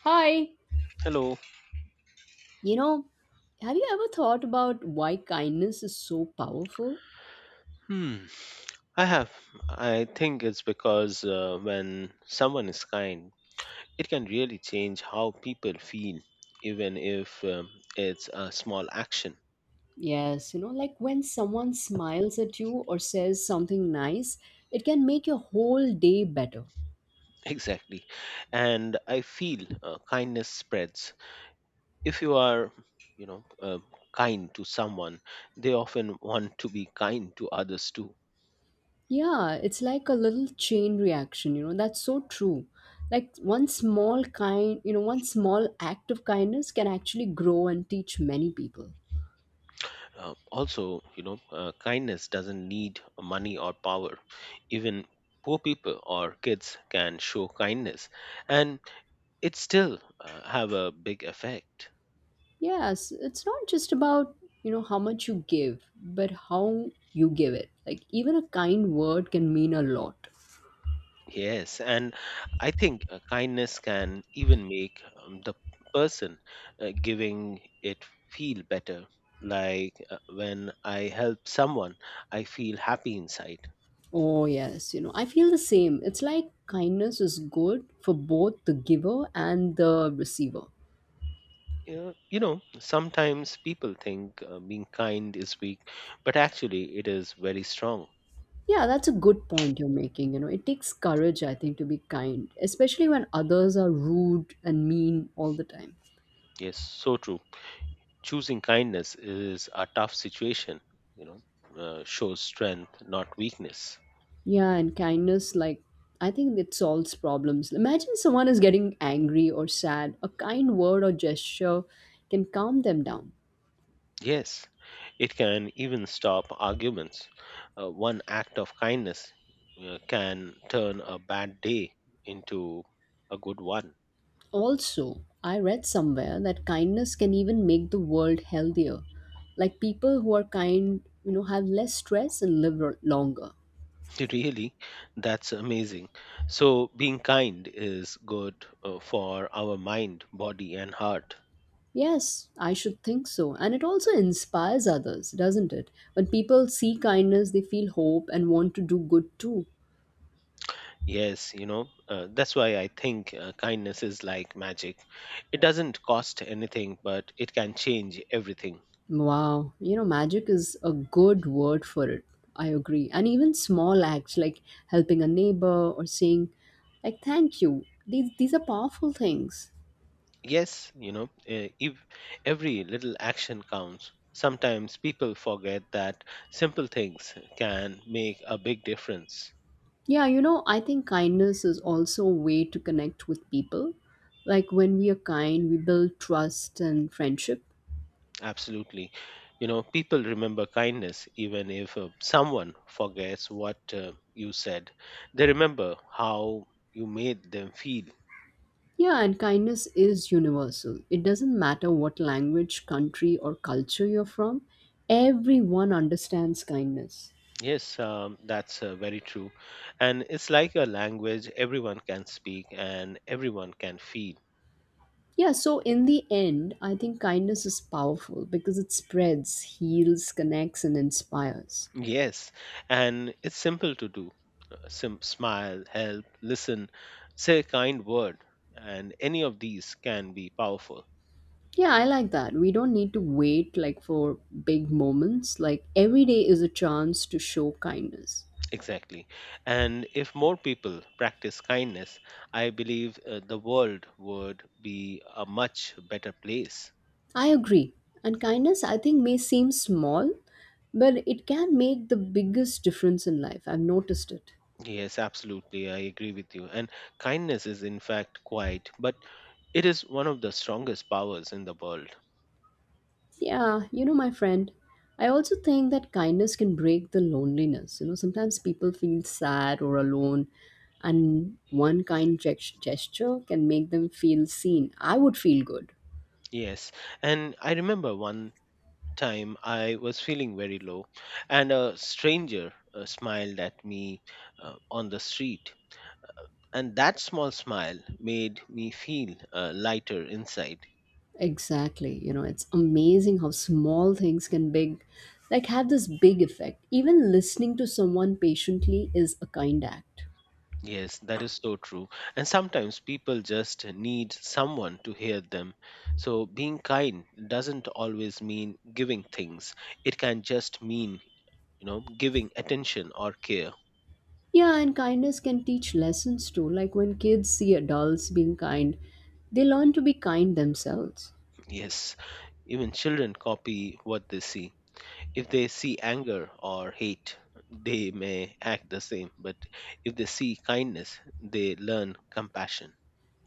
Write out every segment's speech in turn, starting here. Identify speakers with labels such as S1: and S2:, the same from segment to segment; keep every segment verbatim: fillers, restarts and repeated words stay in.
S1: Hi,
S2: Hello.
S1: you know, have you ever thought about why kindness is so powerful?
S2: Hmm. I have. I think it's because uh, when someone is kind, it can really change how people feel, even if um, it's a small action.
S1: Yes, you know, like when someone smiles at you or says something nice, it can make your whole day better.
S2: Exactly. And I feel uh, kindness spreads. If you are, you know, uh, kind to someone, they often want to be kind to others too.
S1: Yeah, it's like a little chain reaction, you know, that's so true. Like one small kind, you know, one small act of kindness can actually grow and teach many people.
S2: Uh, also, you know uh, kindness doesn't need money or power, even poor people or kids can show kindness, and it still uh, have a big effect.
S1: Yes, it's not just about, you know, how much you give, but how you give it. Like even a kind word can mean a lot.
S2: Yes, and I think uh, kindness can even make um, the person uh, giving it feel better. Like uh, when I help someone, I feel happy inside.
S1: Oh, yes, you know, I feel the same. It's like kindness is good for both the giver and the receiver.
S2: Uh, you know, sometimes people think uh, being kind is weak, but actually it is very strong.
S1: Yeah, that's a good point you're making. You know, it takes courage, I think, to be kind, especially when others are rude and mean all the time.
S2: Yes, so true. Choosing kindness is a tough situation, you know, uh, shows strength, not weakness.
S1: Yeah, and kindness, like, I think it solves problems. Imagine someone is getting angry or sad. A kind word or gesture can calm them down.
S2: Yes, it can even stop arguments. Uh, one act of kindness uh, can turn a bad day into a good one.
S1: Also, I read somewhere that kindness can even make the world healthier. Like, people who are kind, you know, have less stress and live r- longer.
S2: Really, that's amazing. So, being kind is good uh, for our mind, body, and heart.
S1: Yes, I should think so. And it also inspires others, doesn't it? When people see kindness, they feel hope and want to do good too.
S2: Yes, you know, uh, that's why I think uh, kindness is like magic. It doesn't cost anything, but it can change everything.
S1: Wow, you know, magic is a good word for it. I agree. And even small acts like helping a neighbor or saying, like, thank you. These, these are powerful things.
S2: Yes, you know, uh, if every little action counts. Sometimes people forget that simple things can make a big difference.
S1: Yeah, you know, I think kindness is also a way to connect with people. Like when we are kind, we build trust and friendship.
S2: Absolutely. You know, people remember kindness even if uh, someone forgets what uh, you said. They remember how you made them feel.
S1: Yeah, and kindness is universal. It doesn't matter what language, country, or culture you're from, everyone understands kindness.
S2: Yes, um, that's uh, very true. And it's like a language everyone can speak and everyone can feel.
S1: Yeah, so in the end, I think kindness is powerful because it spreads, heals, connects, and inspires.
S2: Yes, and it's simple to do. Sim- smile, help, listen, say a kind word, and any of these can be powerful.
S1: Yeah, I like that. We don't need to wait like for big moments. Like every day is a chance to show kindness.
S2: Exactly. And if more people practice kindness, I believe uh, the world would be a much better place.
S1: I agree. And kindness, I think, may seem small, but it can make the biggest difference in life. I've noticed it.
S2: Yes, absolutely. I agree with you. And kindness is, in fact, quite, but it is one of the strongest powers in the world.
S1: Yeah, you know, my friend, I also think that kindness can break the loneliness. You know, sometimes people feel sad or alone, and one kind gest- gesture can make them feel seen. I would feel good.
S2: Yes. And I remember one time I was feeling very low, and a stranger uh, smiled at me uh, on the street. And that small smile made me feel uh, lighter inside.
S1: Exactly. You know, it's amazing how small things can big, like have this big effect. Even listening to someone patiently is a kind act.
S2: Yes, that is so true. And sometimes people just need someone to hear them. So being kind doesn't always mean giving things. It can just mean, you know, giving attention or care.
S1: Yeah, and kindness can teach lessons too. Like when kids see adults being kind, they learn to be kind themselves.
S2: Yes, even children copy what they see. If they see anger or hate, they may act the same. But if they see kindness, they learn compassion.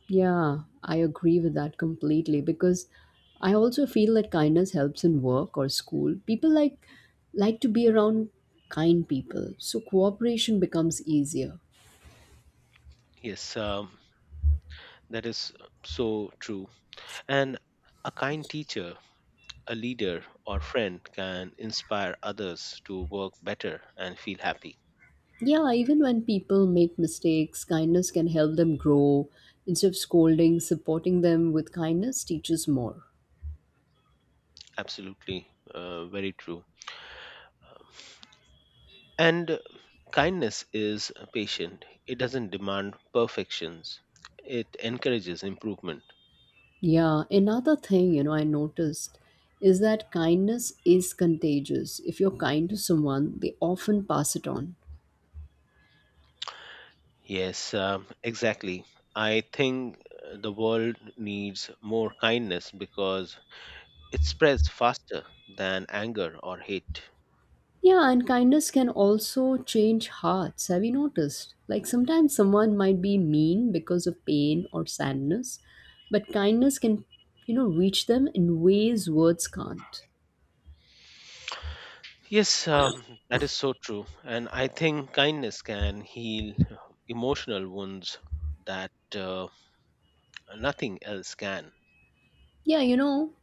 S1: Yeah, I agree with that completely because I also feel that kindness helps in work or school. People like like to be around kind people, so cooperation becomes easier.
S2: Yes, um, that is so true. And a kind teacher, a leader or friend can inspire others to work better and feel happy.
S1: Yeah, even when people make mistakes, kindness can help them grow. Instead of scolding, supporting them with kindness teaches more.
S2: Absolutely, uh, very true. And uh, kindness is patient, it doesn't demand perfections, it encourages improvement.
S1: Yeah, another thing, you know, I noticed is that kindness is contagious. If you're kind to someone, they often pass it on.
S2: Yes, um, exactly. I think uh, the world needs more kindness because it spreads faster than anger or hate.
S1: Yeah, and kindness can also change hearts. Have you noticed? Like sometimes someone might be mean because of pain or sadness, but kindness can, you know, reach them in ways words can't.
S2: Yes, um, that is so true. And I think kindness can heal uh, emotional wounds that uh, nothing else can.
S1: Yeah, you know,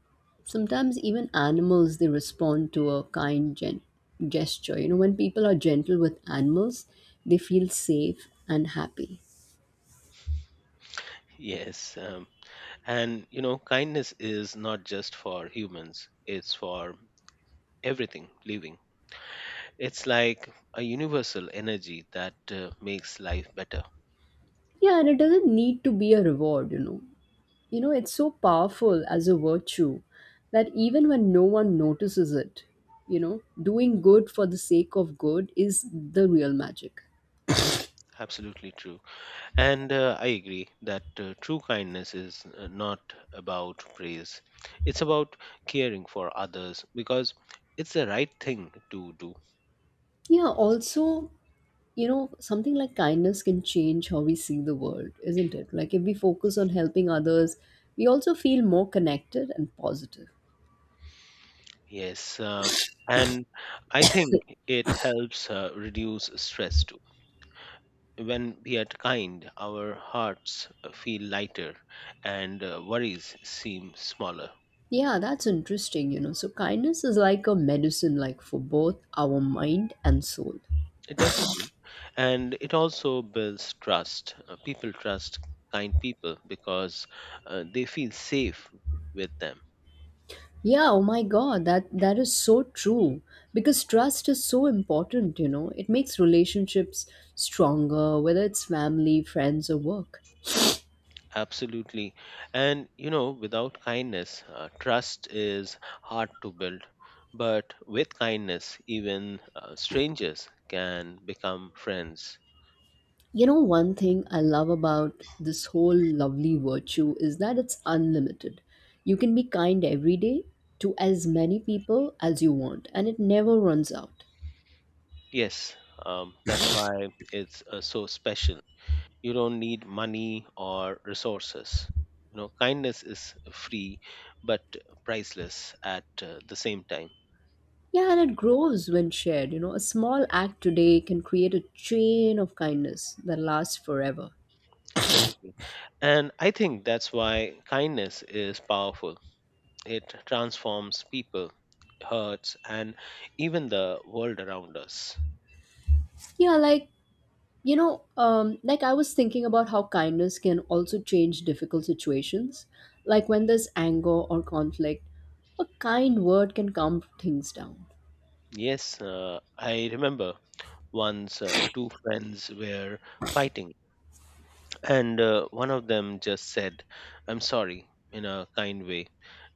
S1: sometimes even animals they respond to a kind gen- gesture. You know, when people are gentle with animals, they feel safe and happy.
S2: Yes. Um, and, you know, kindness is not just for humans, it's for everything living. It's like a universal energy that uh, makes life better.
S1: Yeah, and it doesn't need to be a reward, you know. You know, it's so powerful as a virtue that even when no one notices it, you know, doing good for the sake of good is the real magic.
S2: Absolutely true. And uh, I agree that uh, true kindness is uh, not about praise. It's about caring for others because it's the right thing to do.
S1: Yeah, also, you know, something like kindness can change how we see the world, isn't it? Like if we focus on helping others, we also feel more connected and positive.
S2: Yes. Um, and I think it helps uh, reduce stress too. When we are kind, our hearts uh, feel lighter and uh, worries seem smaller.
S1: Yeah, that's interesting, you know. So kindness is like a medicine like for both our mind and soul.
S2: Definitely. And it also builds trust. Uh, people trust kind people because uh, they feel safe with them.
S1: Yeah, oh my God, that that is so true because trust is so important, you know. It makes relationships stronger, whether it's family, friends, or work.
S2: Absolutely. And, you know, without kindness, uh, trust is hard to build. But with kindness, even uh, strangers can become friends.
S1: You know, one thing I love about this whole lovely virtue is that it's unlimited. You can be kind every day to as many people as you want, and it never runs out.
S2: Yes, um, that's why it's uh, so special. You don't need money or resources, you know, kindness is free but priceless at uh, the same time.
S1: Yeah, and it grows when shared. You know, a small act today can create a chain of kindness that lasts forever.
S2: Exactly, and I think that's why kindness is powerful. It transforms people, hurts, and even the world around us.
S1: Yeah, like You know, um, like I was thinking about how kindness can also change difficult situations. Like when there's anger or conflict, a kind word can calm things down.
S2: Yes, uh, I remember once uh, two friends were fighting. And uh, one of them just said, I'm sorry, in a kind way.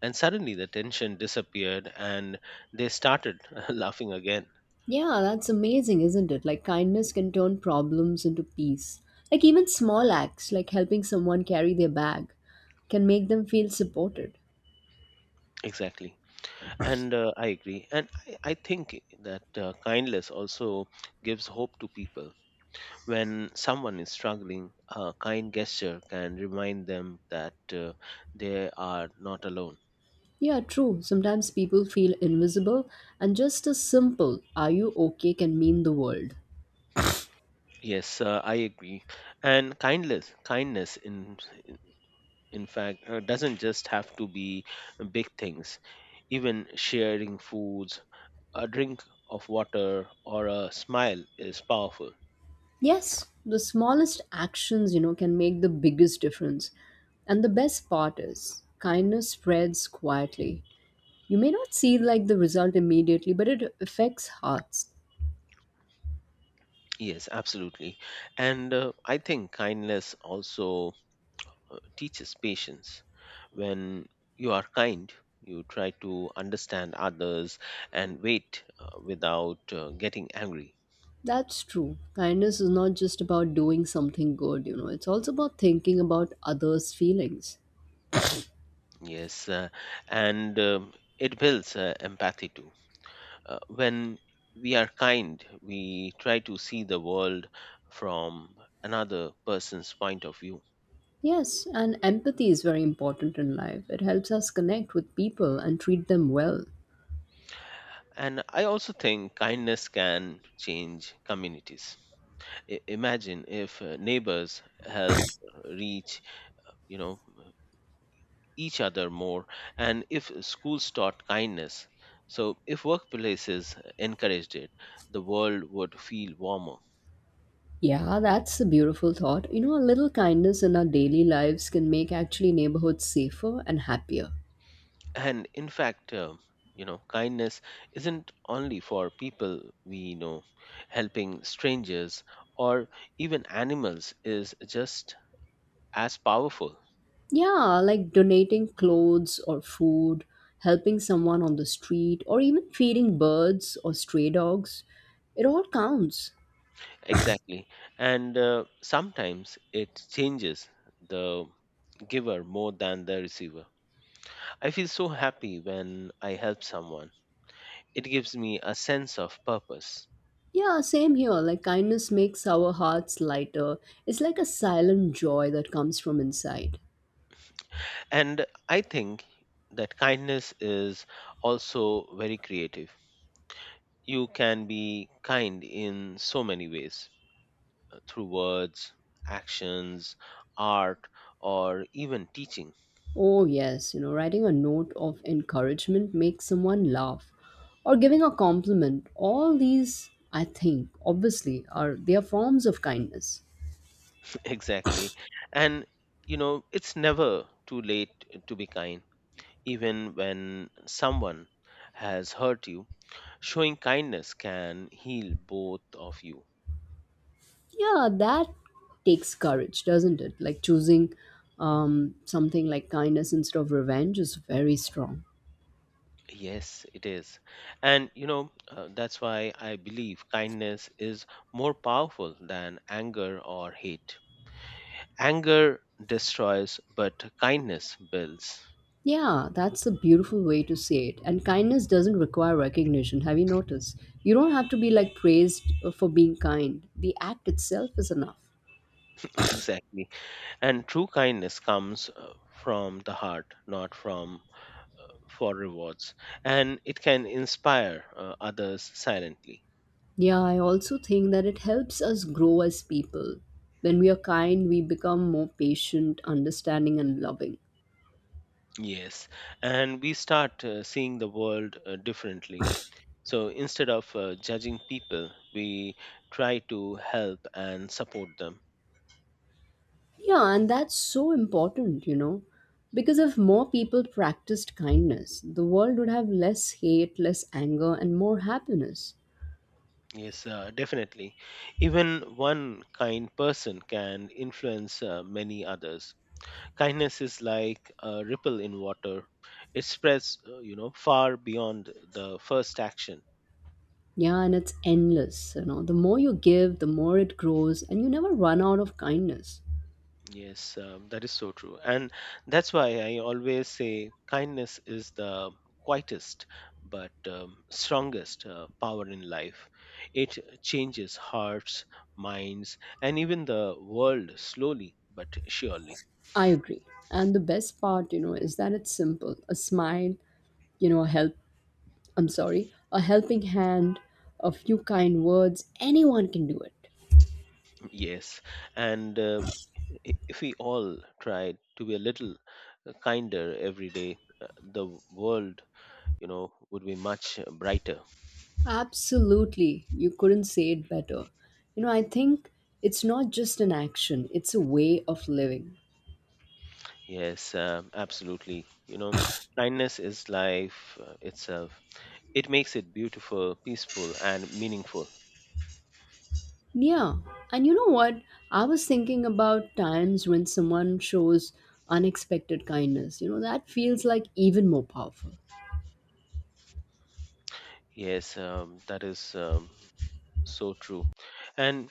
S2: And suddenly the tension disappeared and they started laughing again.
S1: Yeah, that's amazing, isn't it? Like kindness can turn problems into peace. Like even small acts, like helping someone carry their bag, can make them feel supported.
S2: Exactly. And uh, I agree. And I, I think that uh, kindness also gives hope to people. When someone is struggling, a kind gesture can remind them that uh, they are not alone.
S1: Yeah, true. Sometimes people feel invisible, and just a simple, are you okay, can mean the world.
S2: Yes, uh, I agree. And kindness, kindness in in fact uh, doesn't just have to be big things, even sharing foods, a drink of water or a smile is powerful.
S1: Yes, the smallest actions, you know, can make the biggest difference. And the best part is, kindness spreads quietly. You may not see like the result immediately, but it affects hearts.
S2: Yes, absolutely. And uh, I think kindness also uh, teaches patience. When you are kind, you try to understand others and wait uh, without uh, getting angry.
S1: That's true. Kindness is not just about doing something good, you know, it's also about thinking about others' feelings.
S2: Yes uh, and um, it builds uh, empathy too. Uh, when we are kind, we try to see the world from another person's point of view.
S1: Yes, and empathy is very important in life. It helps us connect with people and treat them well.
S2: And I also think kindness can change communities. I- imagine if uh, neighbors help reach, you know, each other more, and if schools taught kindness, so if workplaces encouraged it, the world would feel warmer.
S1: Yeah, that's a beautiful thought. You know, a little kindness in our daily lives can make actually neighborhoods safer and happier.
S2: And in fact, uh, you know, kindness isn't only for people we know. Helping strangers or even animals is just as powerful.
S1: Yeah, like donating clothes or food, helping someone on the street, or even feeding birds or stray dogs. It all counts.
S2: Exactly. And uh, sometimes it changes the giver more than the receiver. I feel so happy when I help someone. It gives me a sense of purpose.
S1: Yeah, same here. Like kindness makes our hearts lighter. It's like a silent joy that comes from inside.
S2: And I think that kindness is also very creative. You can be kind in so many ways, uh, through words, actions, art, or even teaching.
S1: Oh, yes, you know, writing a note of encouragement makes someone laugh or giving a compliment. All these, I think, obviously, are they are forms of kindness.
S2: Exactly. And, you know, it's never too late to be kind. Even when someone has hurt you, showing kindness can heal both of you.
S1: Yeah, that takes courage, doesn't it? Like choosing um, something like kindness instead of revenge is very strong.
S2: Yes, it is. And, you know, uh, that's why I believe kindness is more powerful than anger or hate. Anger destroys, but kindness builds.
S1: Yeah, that's a beautiful way to say it. And kindness doesn't require recognition. Have you noticed? You don't have to be like praised for being kind. The act itself is enough.
S2: Exactly. And true kindness comes uh, from the heart, not from for rewards. And it can inspire uh, others silently.
S1: Yeah, I also think that it helps us grow as people. When we are kind, we become more patient, understanding, and loving.
S2: Yes. And we start uh, seeing the world uh, differently. So instead of uh, judging people, we try to help and support them.
S1: Yeah, and that's so important, you know. Because if more people practiced kindness, the world would have less hate, less anger, and more happiness.
S2: Yes, uh, definitely. Even one kind person can influence uh, many others. Kindness is like a ripple in water. It spreads, uh, you know, far beyond the first action.
S1: Yeah, and it's endless, you know. The more you give, the more it grows, and you never run out of kindness.
S2: Yes, um, that is so true. And that's why I always say kindness is the quietest but um, strongest uh, power in life. It changes hearts, minds, and even the world slowly but surely.
S1: I agree. And the best part, you know, is that it's simple. A smile, you know, a helpful I'm sorry, a helping hand, a few kind words, anyone can do it.
S2: Yes, and um, i- if we all tried to be a little uh, kinder every day, uh, the w- world, you know, would be much uh, brighter.
S1: Absolutely. You couldn't say it better. You know, I think it's not just an action, it's a way of living.
S2: Yes, um, absolutely. You know, kindness is life uh, itself. It makes it beautiful, peaceful, and meaningful.
S1: Yeah. And you know what? I was thinking about times when someone shows unexpected kindness. You know, that feels like even more powerful.
S2: Yes, um, that is um, so true. And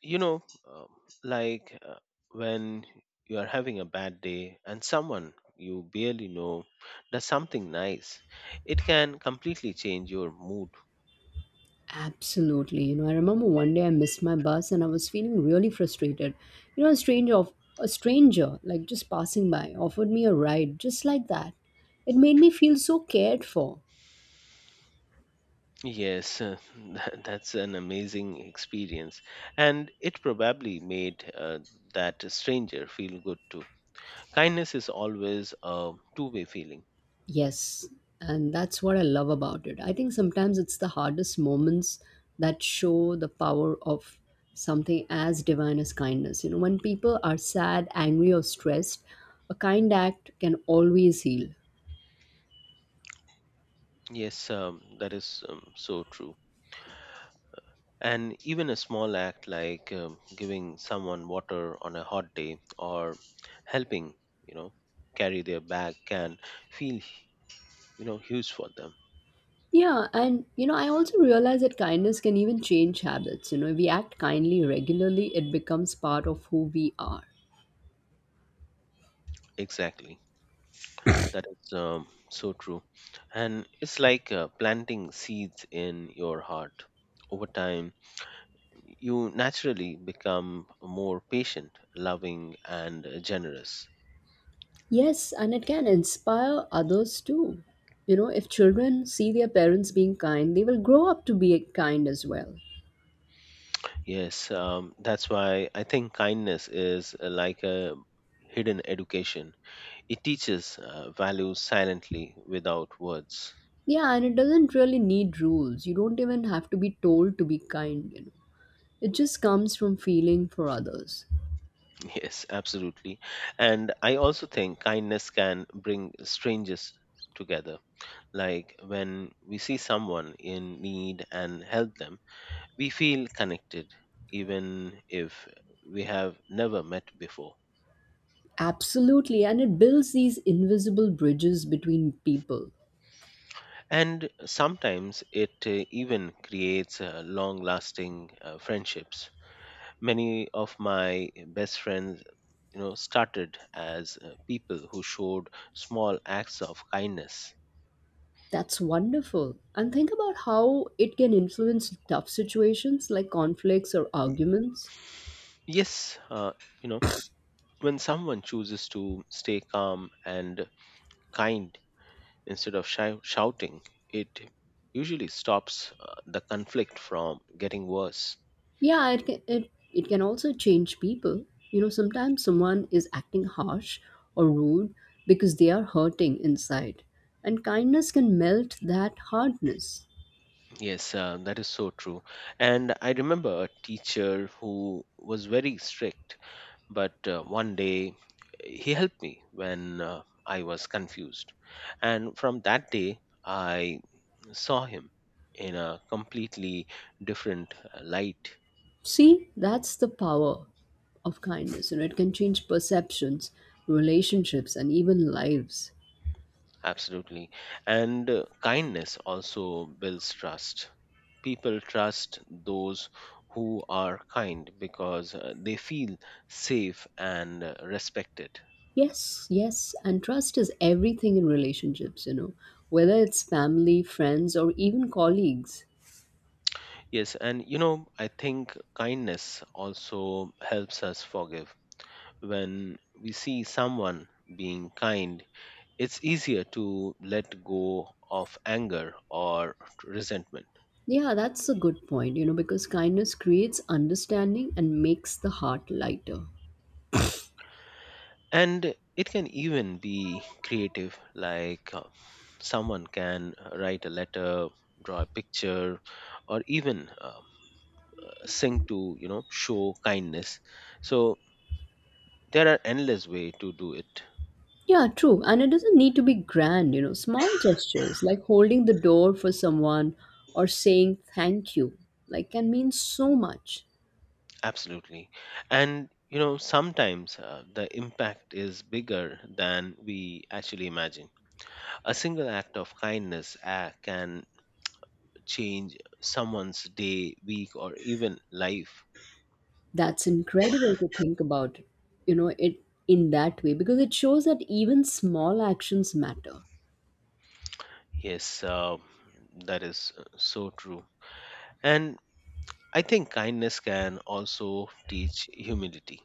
S2: you know um, like uh, when you are having a bad day and someone you barely know does something nice, it can completely change your mood.
S1: Absolutely. You know, I remember one day I missed my bus and I was feeling really frustrated. You know, a stranger of a stranger, like just passing by, offered me a ride just like that. It made me feel so cared for.
S2: Yes, uh, that- that's an amazing experience, and it probably made uh, that stranger feel good too. Kindness is always a two way feeling.
S1: Yes, and that's what I love about it. I think sometimes it's the hardest moments that show the power of something as divine as kindness. You know, when people are sad, angry, or stressed, a kind act can always heal.
S2: Yes, um, that is um, so true. And even a small act like um, giving someone water on a hot day or helping, you know, carry their bag can feel, you know, huge for them.
S1: Yeah, and you know, I also realize that kindness can even change habits. You know, if we act kindly regularly, it becomes part of who we are.
S2: Exactly. That is um, so true. And it's like uh, planting seeds in your heart. Over time, you naturally become more patient, loving, and uh, generous.
S1: Yes, and it can inspire others too. You know, if children see their parents being kind, they will grow up to be kind as well.
S2: Yes, um, that's why I think kindness is uh, like a hidden education. It teaches uh, values silently without words.
S1: Yeah, and it doesn't really need rules. You don't even have to be told to be kind, you know. It just comes from feeling for others.
S2: Yes, absolutely. And I also think kindness can bring strangers together. Like when we see someone in need and help them, we feel connected, even if we have never met before.
S1: Absolutely, and it builds these invisible bridges between people.
S2: And sometimes it uh, even creates uh, long lasting uh, friendships. Many of my best friends, you know, started as uh, people who showed small acts of kindness.
S1: That's wonderful. And think about how it can influence tough situations like conflicts or arguments.
S2: Yes, uh, you know, when someone chooses to stay calm and kind instead of shou- shouting, it usually stops uh, the conflict from getting worse.
S1: Yeah, it can, it, it can also change people. You know, sometimes someone is acting harsh or rude because they are hurting inside. And kindness can melt that hardness.
S2: Yes, uh, that is so true. And I remember a teacher who was very strict. But uh, one day he helped me when uh, I was confused. And from that day, I saw him in a completely different uh, light.
S1: See, that's the power of kindness. You know, it can change perceptions, relationships, and even lives.
S2: Absolutely. And uh, kindness also builds trust. People trust those who are kind because uh, they feel safe and uh, respected.
S1: Yes, yes. And trust is everything in relationships, you know, whether it's family, friends, or even colleagues.
S2: Yes, and you know, I think kindness also helps us forgive. When we see someone being kind, it's easier to let go of anger or resentment.
S1: Yeah, that's a good point, you know, because kindness creates understanding and makes the heart lighter.
S2: And it can even be creative, like uh, someone can write a letter, draw a picture, or even uh, sing to, you know, show kindness. So there are endless way to do it.
S1: Yeah, true. And it doesn't need to be grand, you know, small gestures like holding the door for someone or saying thank you, like, can mean so much.
S2: Absolutely. And, you know, sometimes uh, the impact is bigger than we actually imagine. A single act of kindness uh, can change someone's day, week, or even life.
S1: That's incredible to think about, you know, it in that way because it shows that even small actions matter.
S2: Yes, uh, that is uh, so true. And I think kindness can also teach humility.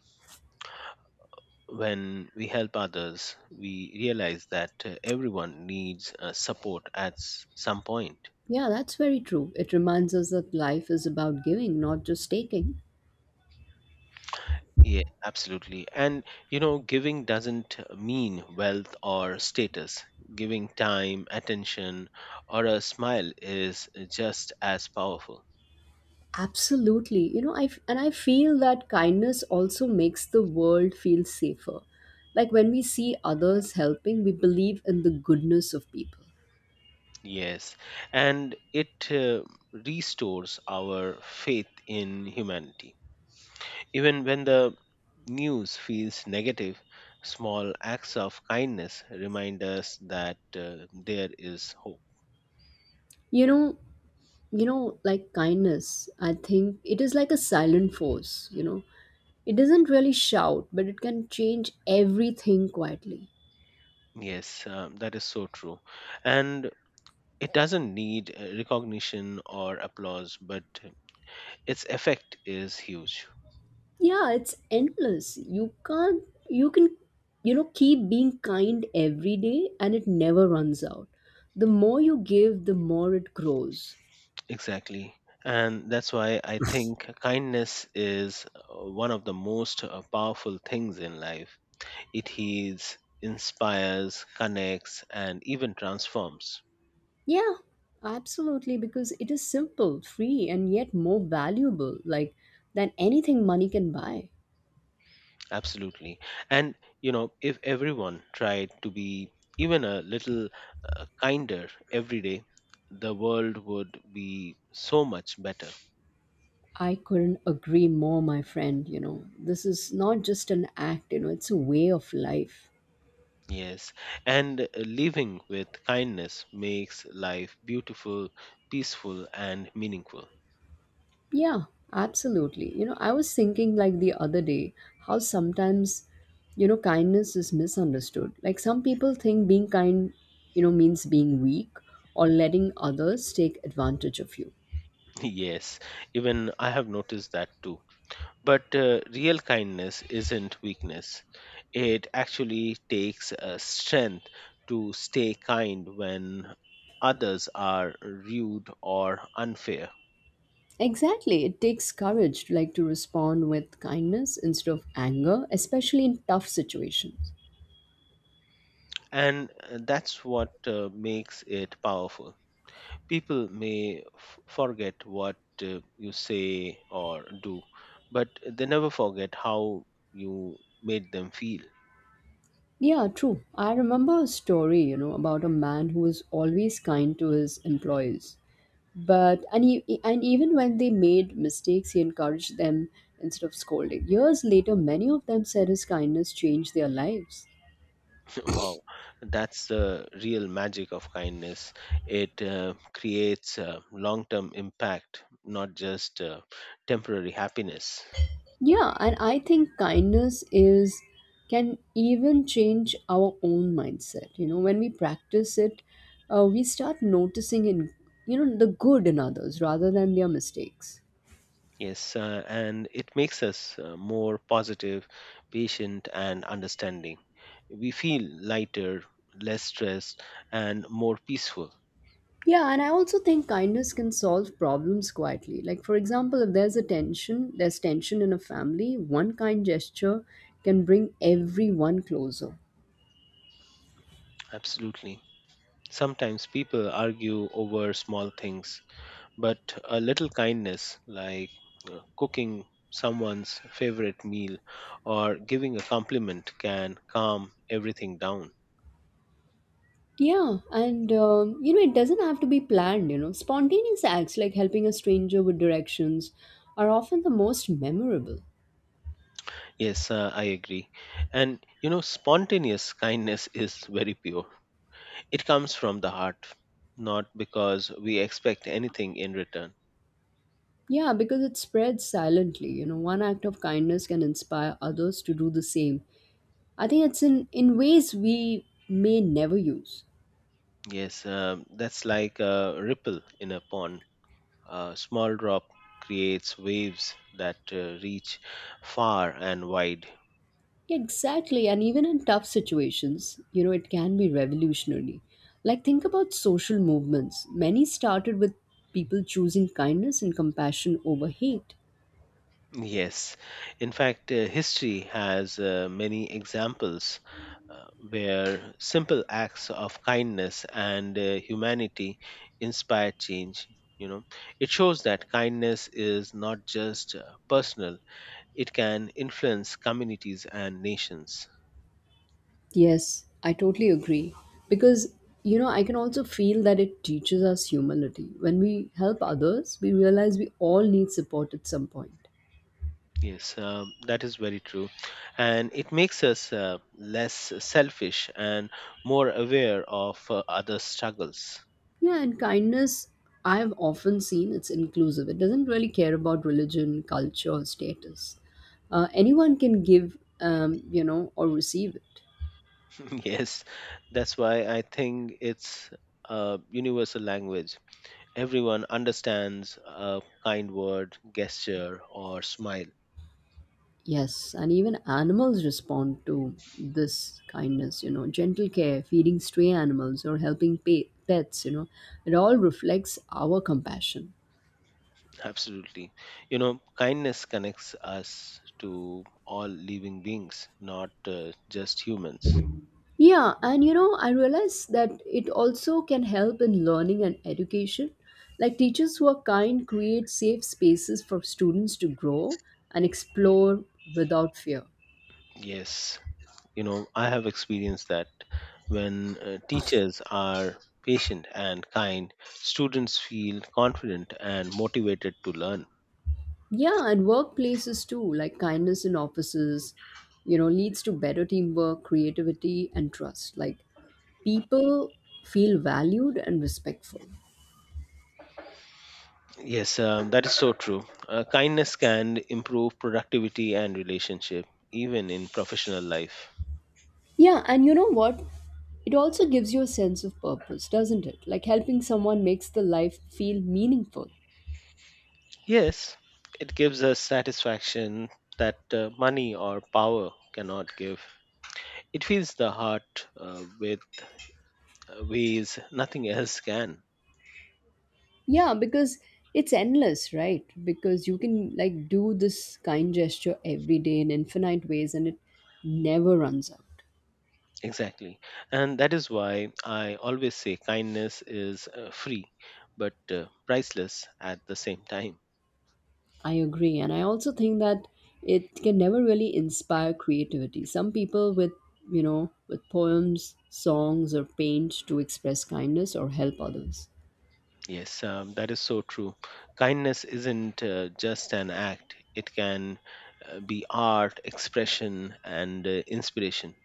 S2: When we help others, we realize that uh, everyone needs uh, support at s- some point.
S1: Yeah, that's very true. It reminds us that life is about giving, not just taking.
S2: Yeah, absolutely. And you know, giving doesn't mean wealth or status. Giving time, attention, or a smile is just as powerful.
S1: Absolutely. You know, I f- and I feel that kindness also makes the world feel safer. Like when we see others helping, we believe in the goodness of people.
S2: Yes, and it uh, restores our faith in humanity. Even when the news feels negative, small acts of kindness remind us that uh, there is hope.
S1: You know, you know, like kindness, I think it is like a silent force, you know. It doesn't really shout, but it can change everything quietly.
S2: Yes, um, that is so true. And it doesn't need uh, recognition or applause, but its effect is huge.
S1: Yeah, it's endless. You can't you can you know keep being kind every day and it never runs out. The more you give, the more it grows.
S2: Exactly. And that's why I think kindness is uh, one of the most uh, powerful things in life. It heals, inspires, connects, and even transforms.
S1: Yeah, absolutely, because it is simple, free, and yet more valuable like than anything money can buy.
S2: Absolutely. And, you know, if everyone tried to be even a little uh, kinder every day, the world would be so much better.
S1: I couldn't agree more, my friend. You know, this is not just an act, you know, it's a way of life.
S2: Yes, and uh, living with kindness makes life beautiful, peaceful, and meaningful.
S1: Yeah, absolutely. You know, I was thinking like the other day how sometimes, you know, kindness is misunderstood. Like some people think being kind, you know, means being weak or letting others take advantage of you.
S2: Yes, even I have noticed that too. But uh, real kindness isn't weakness, it actually takes uh, strength to stay kind when others are rude or unfair.
S1: Exactly. It takes courage to like to respond with kindness instead of anger, especially in tough situations.
S2: And uh, that's what uh, makes it powerful. People may f- forget what uh, you say or do, but they never forget how you made them feel.
S1: Yeah, true. I remember a story, you know, about a man who was always kind to his employees. But and, e- and even when they made mistakes, he encouraged them instead of scolding. Years later, many of them said his kindness changed their lives.
S2: Wow, that's the real magic of kindness. It uh, creates uh, long term impact, not just uh, temporary happiness.
S1: Yeah, and I think kindness is can even change our own mindset, you know. When we practice it, uh, we start noticing in, you know, the good in others rather than their mistakes.
S2: Yes, uh, and it makes us uh, more positive, patient, and understanding. We feel lighter, less stressed, and more peaceful.
S1: Yeah, and I also think kindness can solve problems quietly. Like, for example, if there's a tension, there's tension in a family, one kind gesture can bring everyone closer.
S2: Absolutely. Sometimes people argue over small things, but a little kindness, like uh, cooking someone's favorite meal or giving a compliment, can calm everything down.
S1: Yeah, and um, you know, it doesn't have to be planned, you know. Spontaneous acts like helping a stranger with directions are often the most memorable.
S2: Yes, uh, I agree. And you know, spontaneous kindness is very pure, it comes from the heart, not because we expect anything in return.
S1: Yeah, because it spreads silently, you know. One act of kindness can inspire others to do the same. I think it's in, in ways we may never use.
S2: Yes, um that's like a ripple in a pond. A small drop creates waves that uh, reach far and wide.
S1: Exactly, and even in tough situations, you know, it can be revolutionary. Like, think about social movements. Many started with people choosing kindness and compassion over hate.
S2: Yes, in fact, uh, history has uh, many examples uh, where simple acts of kindness and uh, humanity inspire change. You know, it shows that kindness is not just uh, personal, it can influence communities and nations.
S1: Yes, I totally agree. Because, you know, I can also feel that it teaches us humility. When we help others, we realize we all need support at some point.
S2: Yes, um, that is very true. And it makes us uh, less selfish and more aware of uh, other struggles.
S1: Yeah, and kindness, I've often seen it's inclusive. It doesn't really care about religion, culture, or status. Uh, anyone can give, um, you know, or receive it.
S2: Yes, that's why I think it's a universal language. Everyone understands a kind word, gesture, or smile.
S1: Yes, and even animals respond to this kindness, you know, gentle care, feeding stray animals, or helping pa- pets, you know, it all reflects our compassion.
S2: Absolutely. You know, kindness connects us to all living beings, not uh, just humans.
S1: Yeah, and you know, I realize that it also can help in learning and education. Like teachers who are kind create safe spaces for students to grow and explore without fear.
S2: Yes. You know, I have experienced that when uh, teachers are patient and kind, students feel confident and motivated to learn.
S1: Yeah, and workplaces too, like kindness in offices, you know, leads to better teamwork, creativity, and trust. Like people feel valued and respectful.
S2: Yes, um, that is so true. Uh, kindness can improve productivity and relationship, even in professional life.
S1: Yeah, and you know what? It also gives you a sense of purpose, doesn't it? Like helping someone makes the life feel meaningful.
S2: Yes, it gives us satisfaction that uh, money or power cannot give. It fills the heart uh, with uh, ways nothing else can.
S1: Yeah, because it's endless, right? Because you can like do this kind gesture every day in infinite ways and it never runs out.
S2: Exactly. And that is why I always say kindness is uh, free but uh, priceless at the same time.
S1: I agree. And I also think that it can never really inspire creativity. Some people with, you know, with poems, songs, or paint to express kindness or help others.
S2: Yes, um, that is so true. Kindness isn't uh, just an act, it can uh, be art, expression, and uh, inspiration.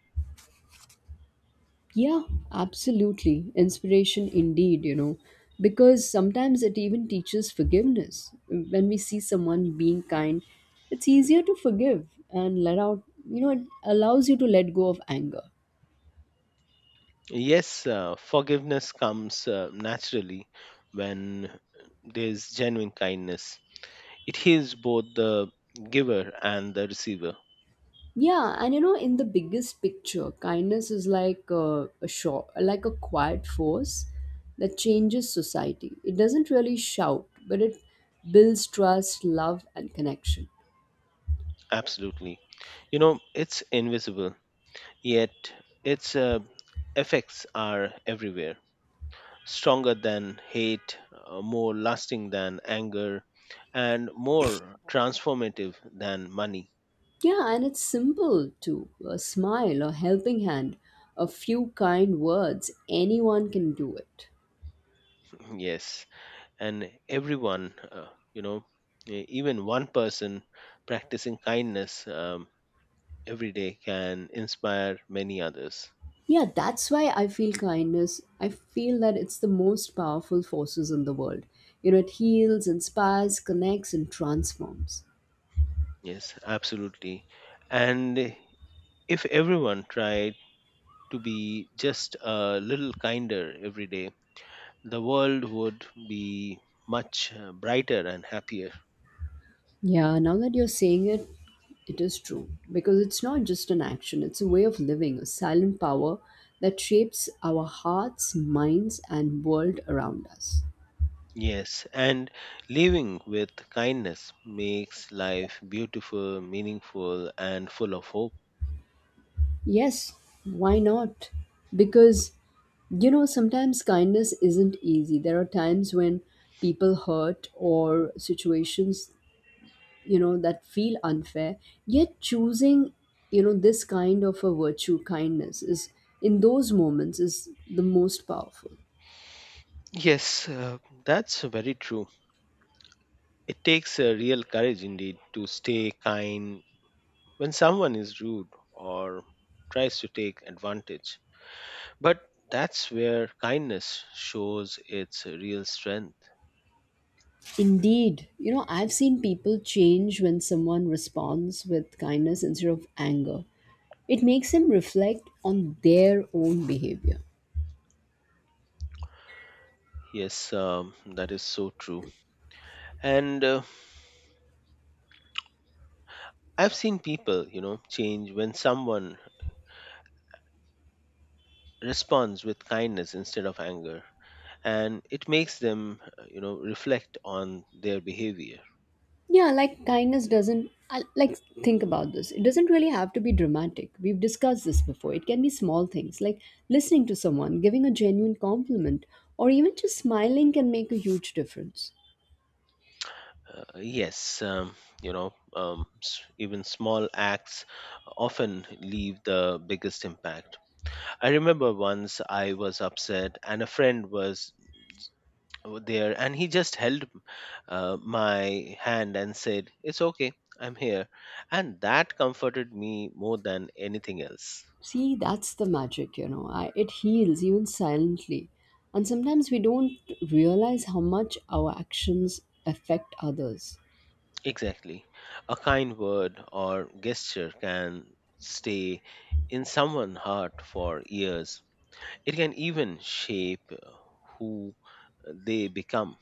S1: Yeah, absolutely. Inspiration indeed, you know, because sometimes it even teaches forgiveness. When we see someone being kind, it's easier to forgive and let out, you know, it allows you to let go of anger.
S2: Yes, uh, forgiveness comes uh, naturally when there's genuine kindness. It heals both the giver and the receiver.
S1: Yeah, and you know, in the biggest picture, kindness is like a, a short, like a quiet force that changes society. It doesn't really shout, but it builds trust, love, and connection.
S2: Absolutely. You know, it's invisible, yet its uh, effects are everywhere, stronger than hate, uh, more lasting than anger, and more transformative than money.
S1: Yeah, and it's simple too. A smile, a helping hand, a few kind words, anyone can do it.
S2: Yes, and everyone, uh, you know, e- even one person practicing kindness um, every day can inspire many others.
S1: Yeah, that's why I feel kindness. I feel that it's the most powerful forces in the world. You know, it heals, inspires, connects, and transforms.
S2: Yes, absolutely. And if everyone tried to be just a little kinder every day, the world would be much uh, brighter and happier.
S1: Yeah, now that you're saying it, it is true. Because it's not just an action, it's a way of living, a silent power that shapes our hearts, minds, and world around us.
S2: Yes, and living with kindness makes life beautiful, meaningful, and full of hope.
S1: Yes, why not? Because, you know, sometimes kindness isn't easy. There are times when people hurt or situations, you know, that feel unfair. Yet choosing, you know, this kind of a virtue, kindness, is in those moments is the most powerful.
S2: Yes, uh, that's very true. It takes a real courage indeed to stay kind when someone is rude or tries to take advantage. But that's where kindness shows its real strength.
S1: Indeed, you know, I've seen people change when someone responds with kindness instead of anger. It makes them reflect on their own behavior.
S2: Yes, um, that is so true. And uh, I've seen people, you know, change when someone responds with kindness instead of anger, and it makes them, uh, you know, reflect on their behavior.
S1: Yeah, like kindness doesn't, I- like, think about this. It doesn't really have to be dramatic. We've discussed this before. It can be small things like listening to someone, giving a genuine compliment, or even just smiling can make a huge difference.
S2: Uh, yes, um, you know, um, s- even small acts often leave the biggest impact. I remember once I was upset, and a friend was there, and he just held uh, my hand and said, "It's okay, I'm here," and that comforted me more than anything else.
S1: See, that's the magic, you know. I, it heals even silently. And sometimes we don't realize how much our actions affect others.
S2: Exactly. A kind word or gesture can stay in someone's heart for years. It can even shape uh, who they become.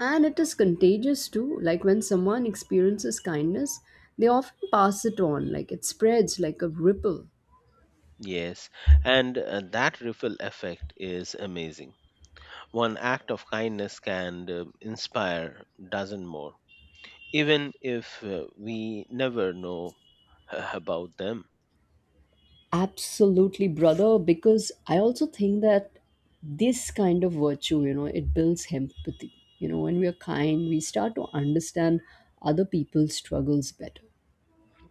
S1: And it is contagious too. Like when someone experiences kindness, they often pass it on, like it spreads like a ripple.
S2: Yes, and uh, that ripple effect is amazing. One act of kindness can uh, inspire dozen more, even if uh, we never know uh, about them.
S1: Absolutely, brother, because I also think that this kind of virtue, you know, it builds empathy. You know, when we are kind, we start to understand other people's struggles better.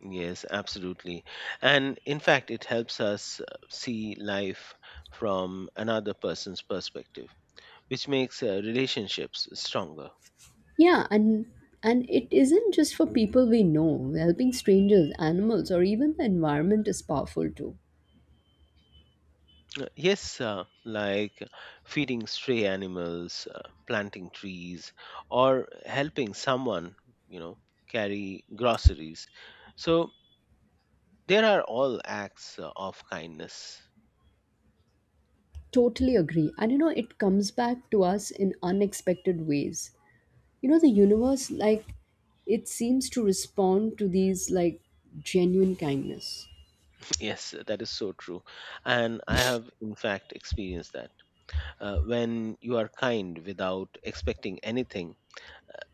S2: Yes, absolutely. And in fact, it helps us uh, see life from another person's perspective, which makes uh, relationships stronger.
S1: Yeah, and and it isn't just for people we know. Helping strangers, animals, or even the environment is powerful too.
S2: Uh, Yes, uh, like feeding stray animals, uh, planting trees, or helping someone, you know, carry groceries. So there are all acts uh, of kindness.
S1: Totally agree. And you know, it comes back to us in unexpected ways. You know, the universe, like, it seems to respond to these, like, genuine kindness.
S2: Yes, that is so true. And I have, in fact, experienced that. Uh, when you are kind without expecting anything,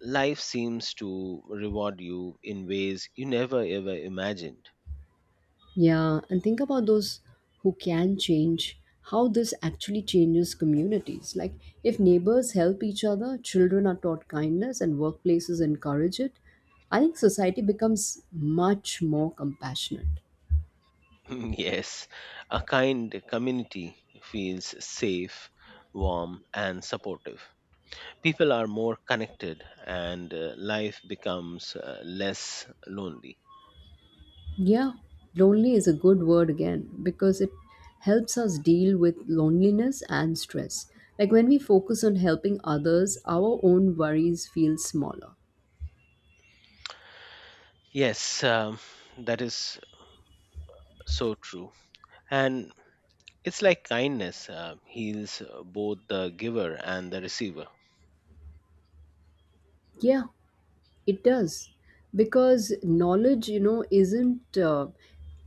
S2: life seems to reward you in ways you never ever imagined.
S1: Yeah, and think about those who can change, how this actually changes communities. Like, if neighbors help each other, children are taught kindness, and workplaces encourage it, I think society becomes much more compassionate.
S2: Yes, a kind community feels safe, warm, and supportive. People are more connected, and uh, life becomes uh, less lonely.
S1: Yeah, lonely is a good word again because it helps us deal with loneliness and stress. Like, when we focus on helping others, our own worries feel smaller.
S2: Yes, um, that is so true. And it's like kindness uh, heals uh, both the giver and the receiver.
S1: Yeah, it does, because knowledge, you know, isn't, uh,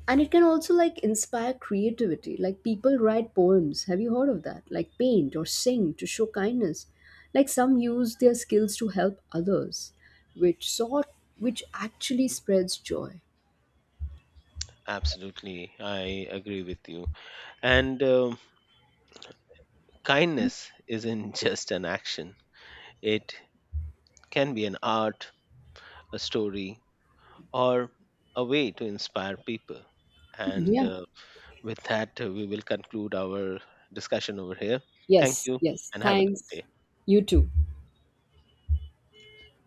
S1: and it can also like inspire creativity. Like people write poems. Have you heard of that? Like paint or sing to show kindness. Like some use their skills to help others, which sort, which actually spreads joy.
S2: Absolutely, I agree with you. And um, kindness isn't just an action, it can be an art, a story, or a way to inspire people. And
S1: Yeah.
S2: uh, with that, uh, we will conclude our discussion over here. Thank
S1: Yes.
S2: you
S1: Yes.
S2: and have a good
S1: Thanks.
S2: day.
S1: You too.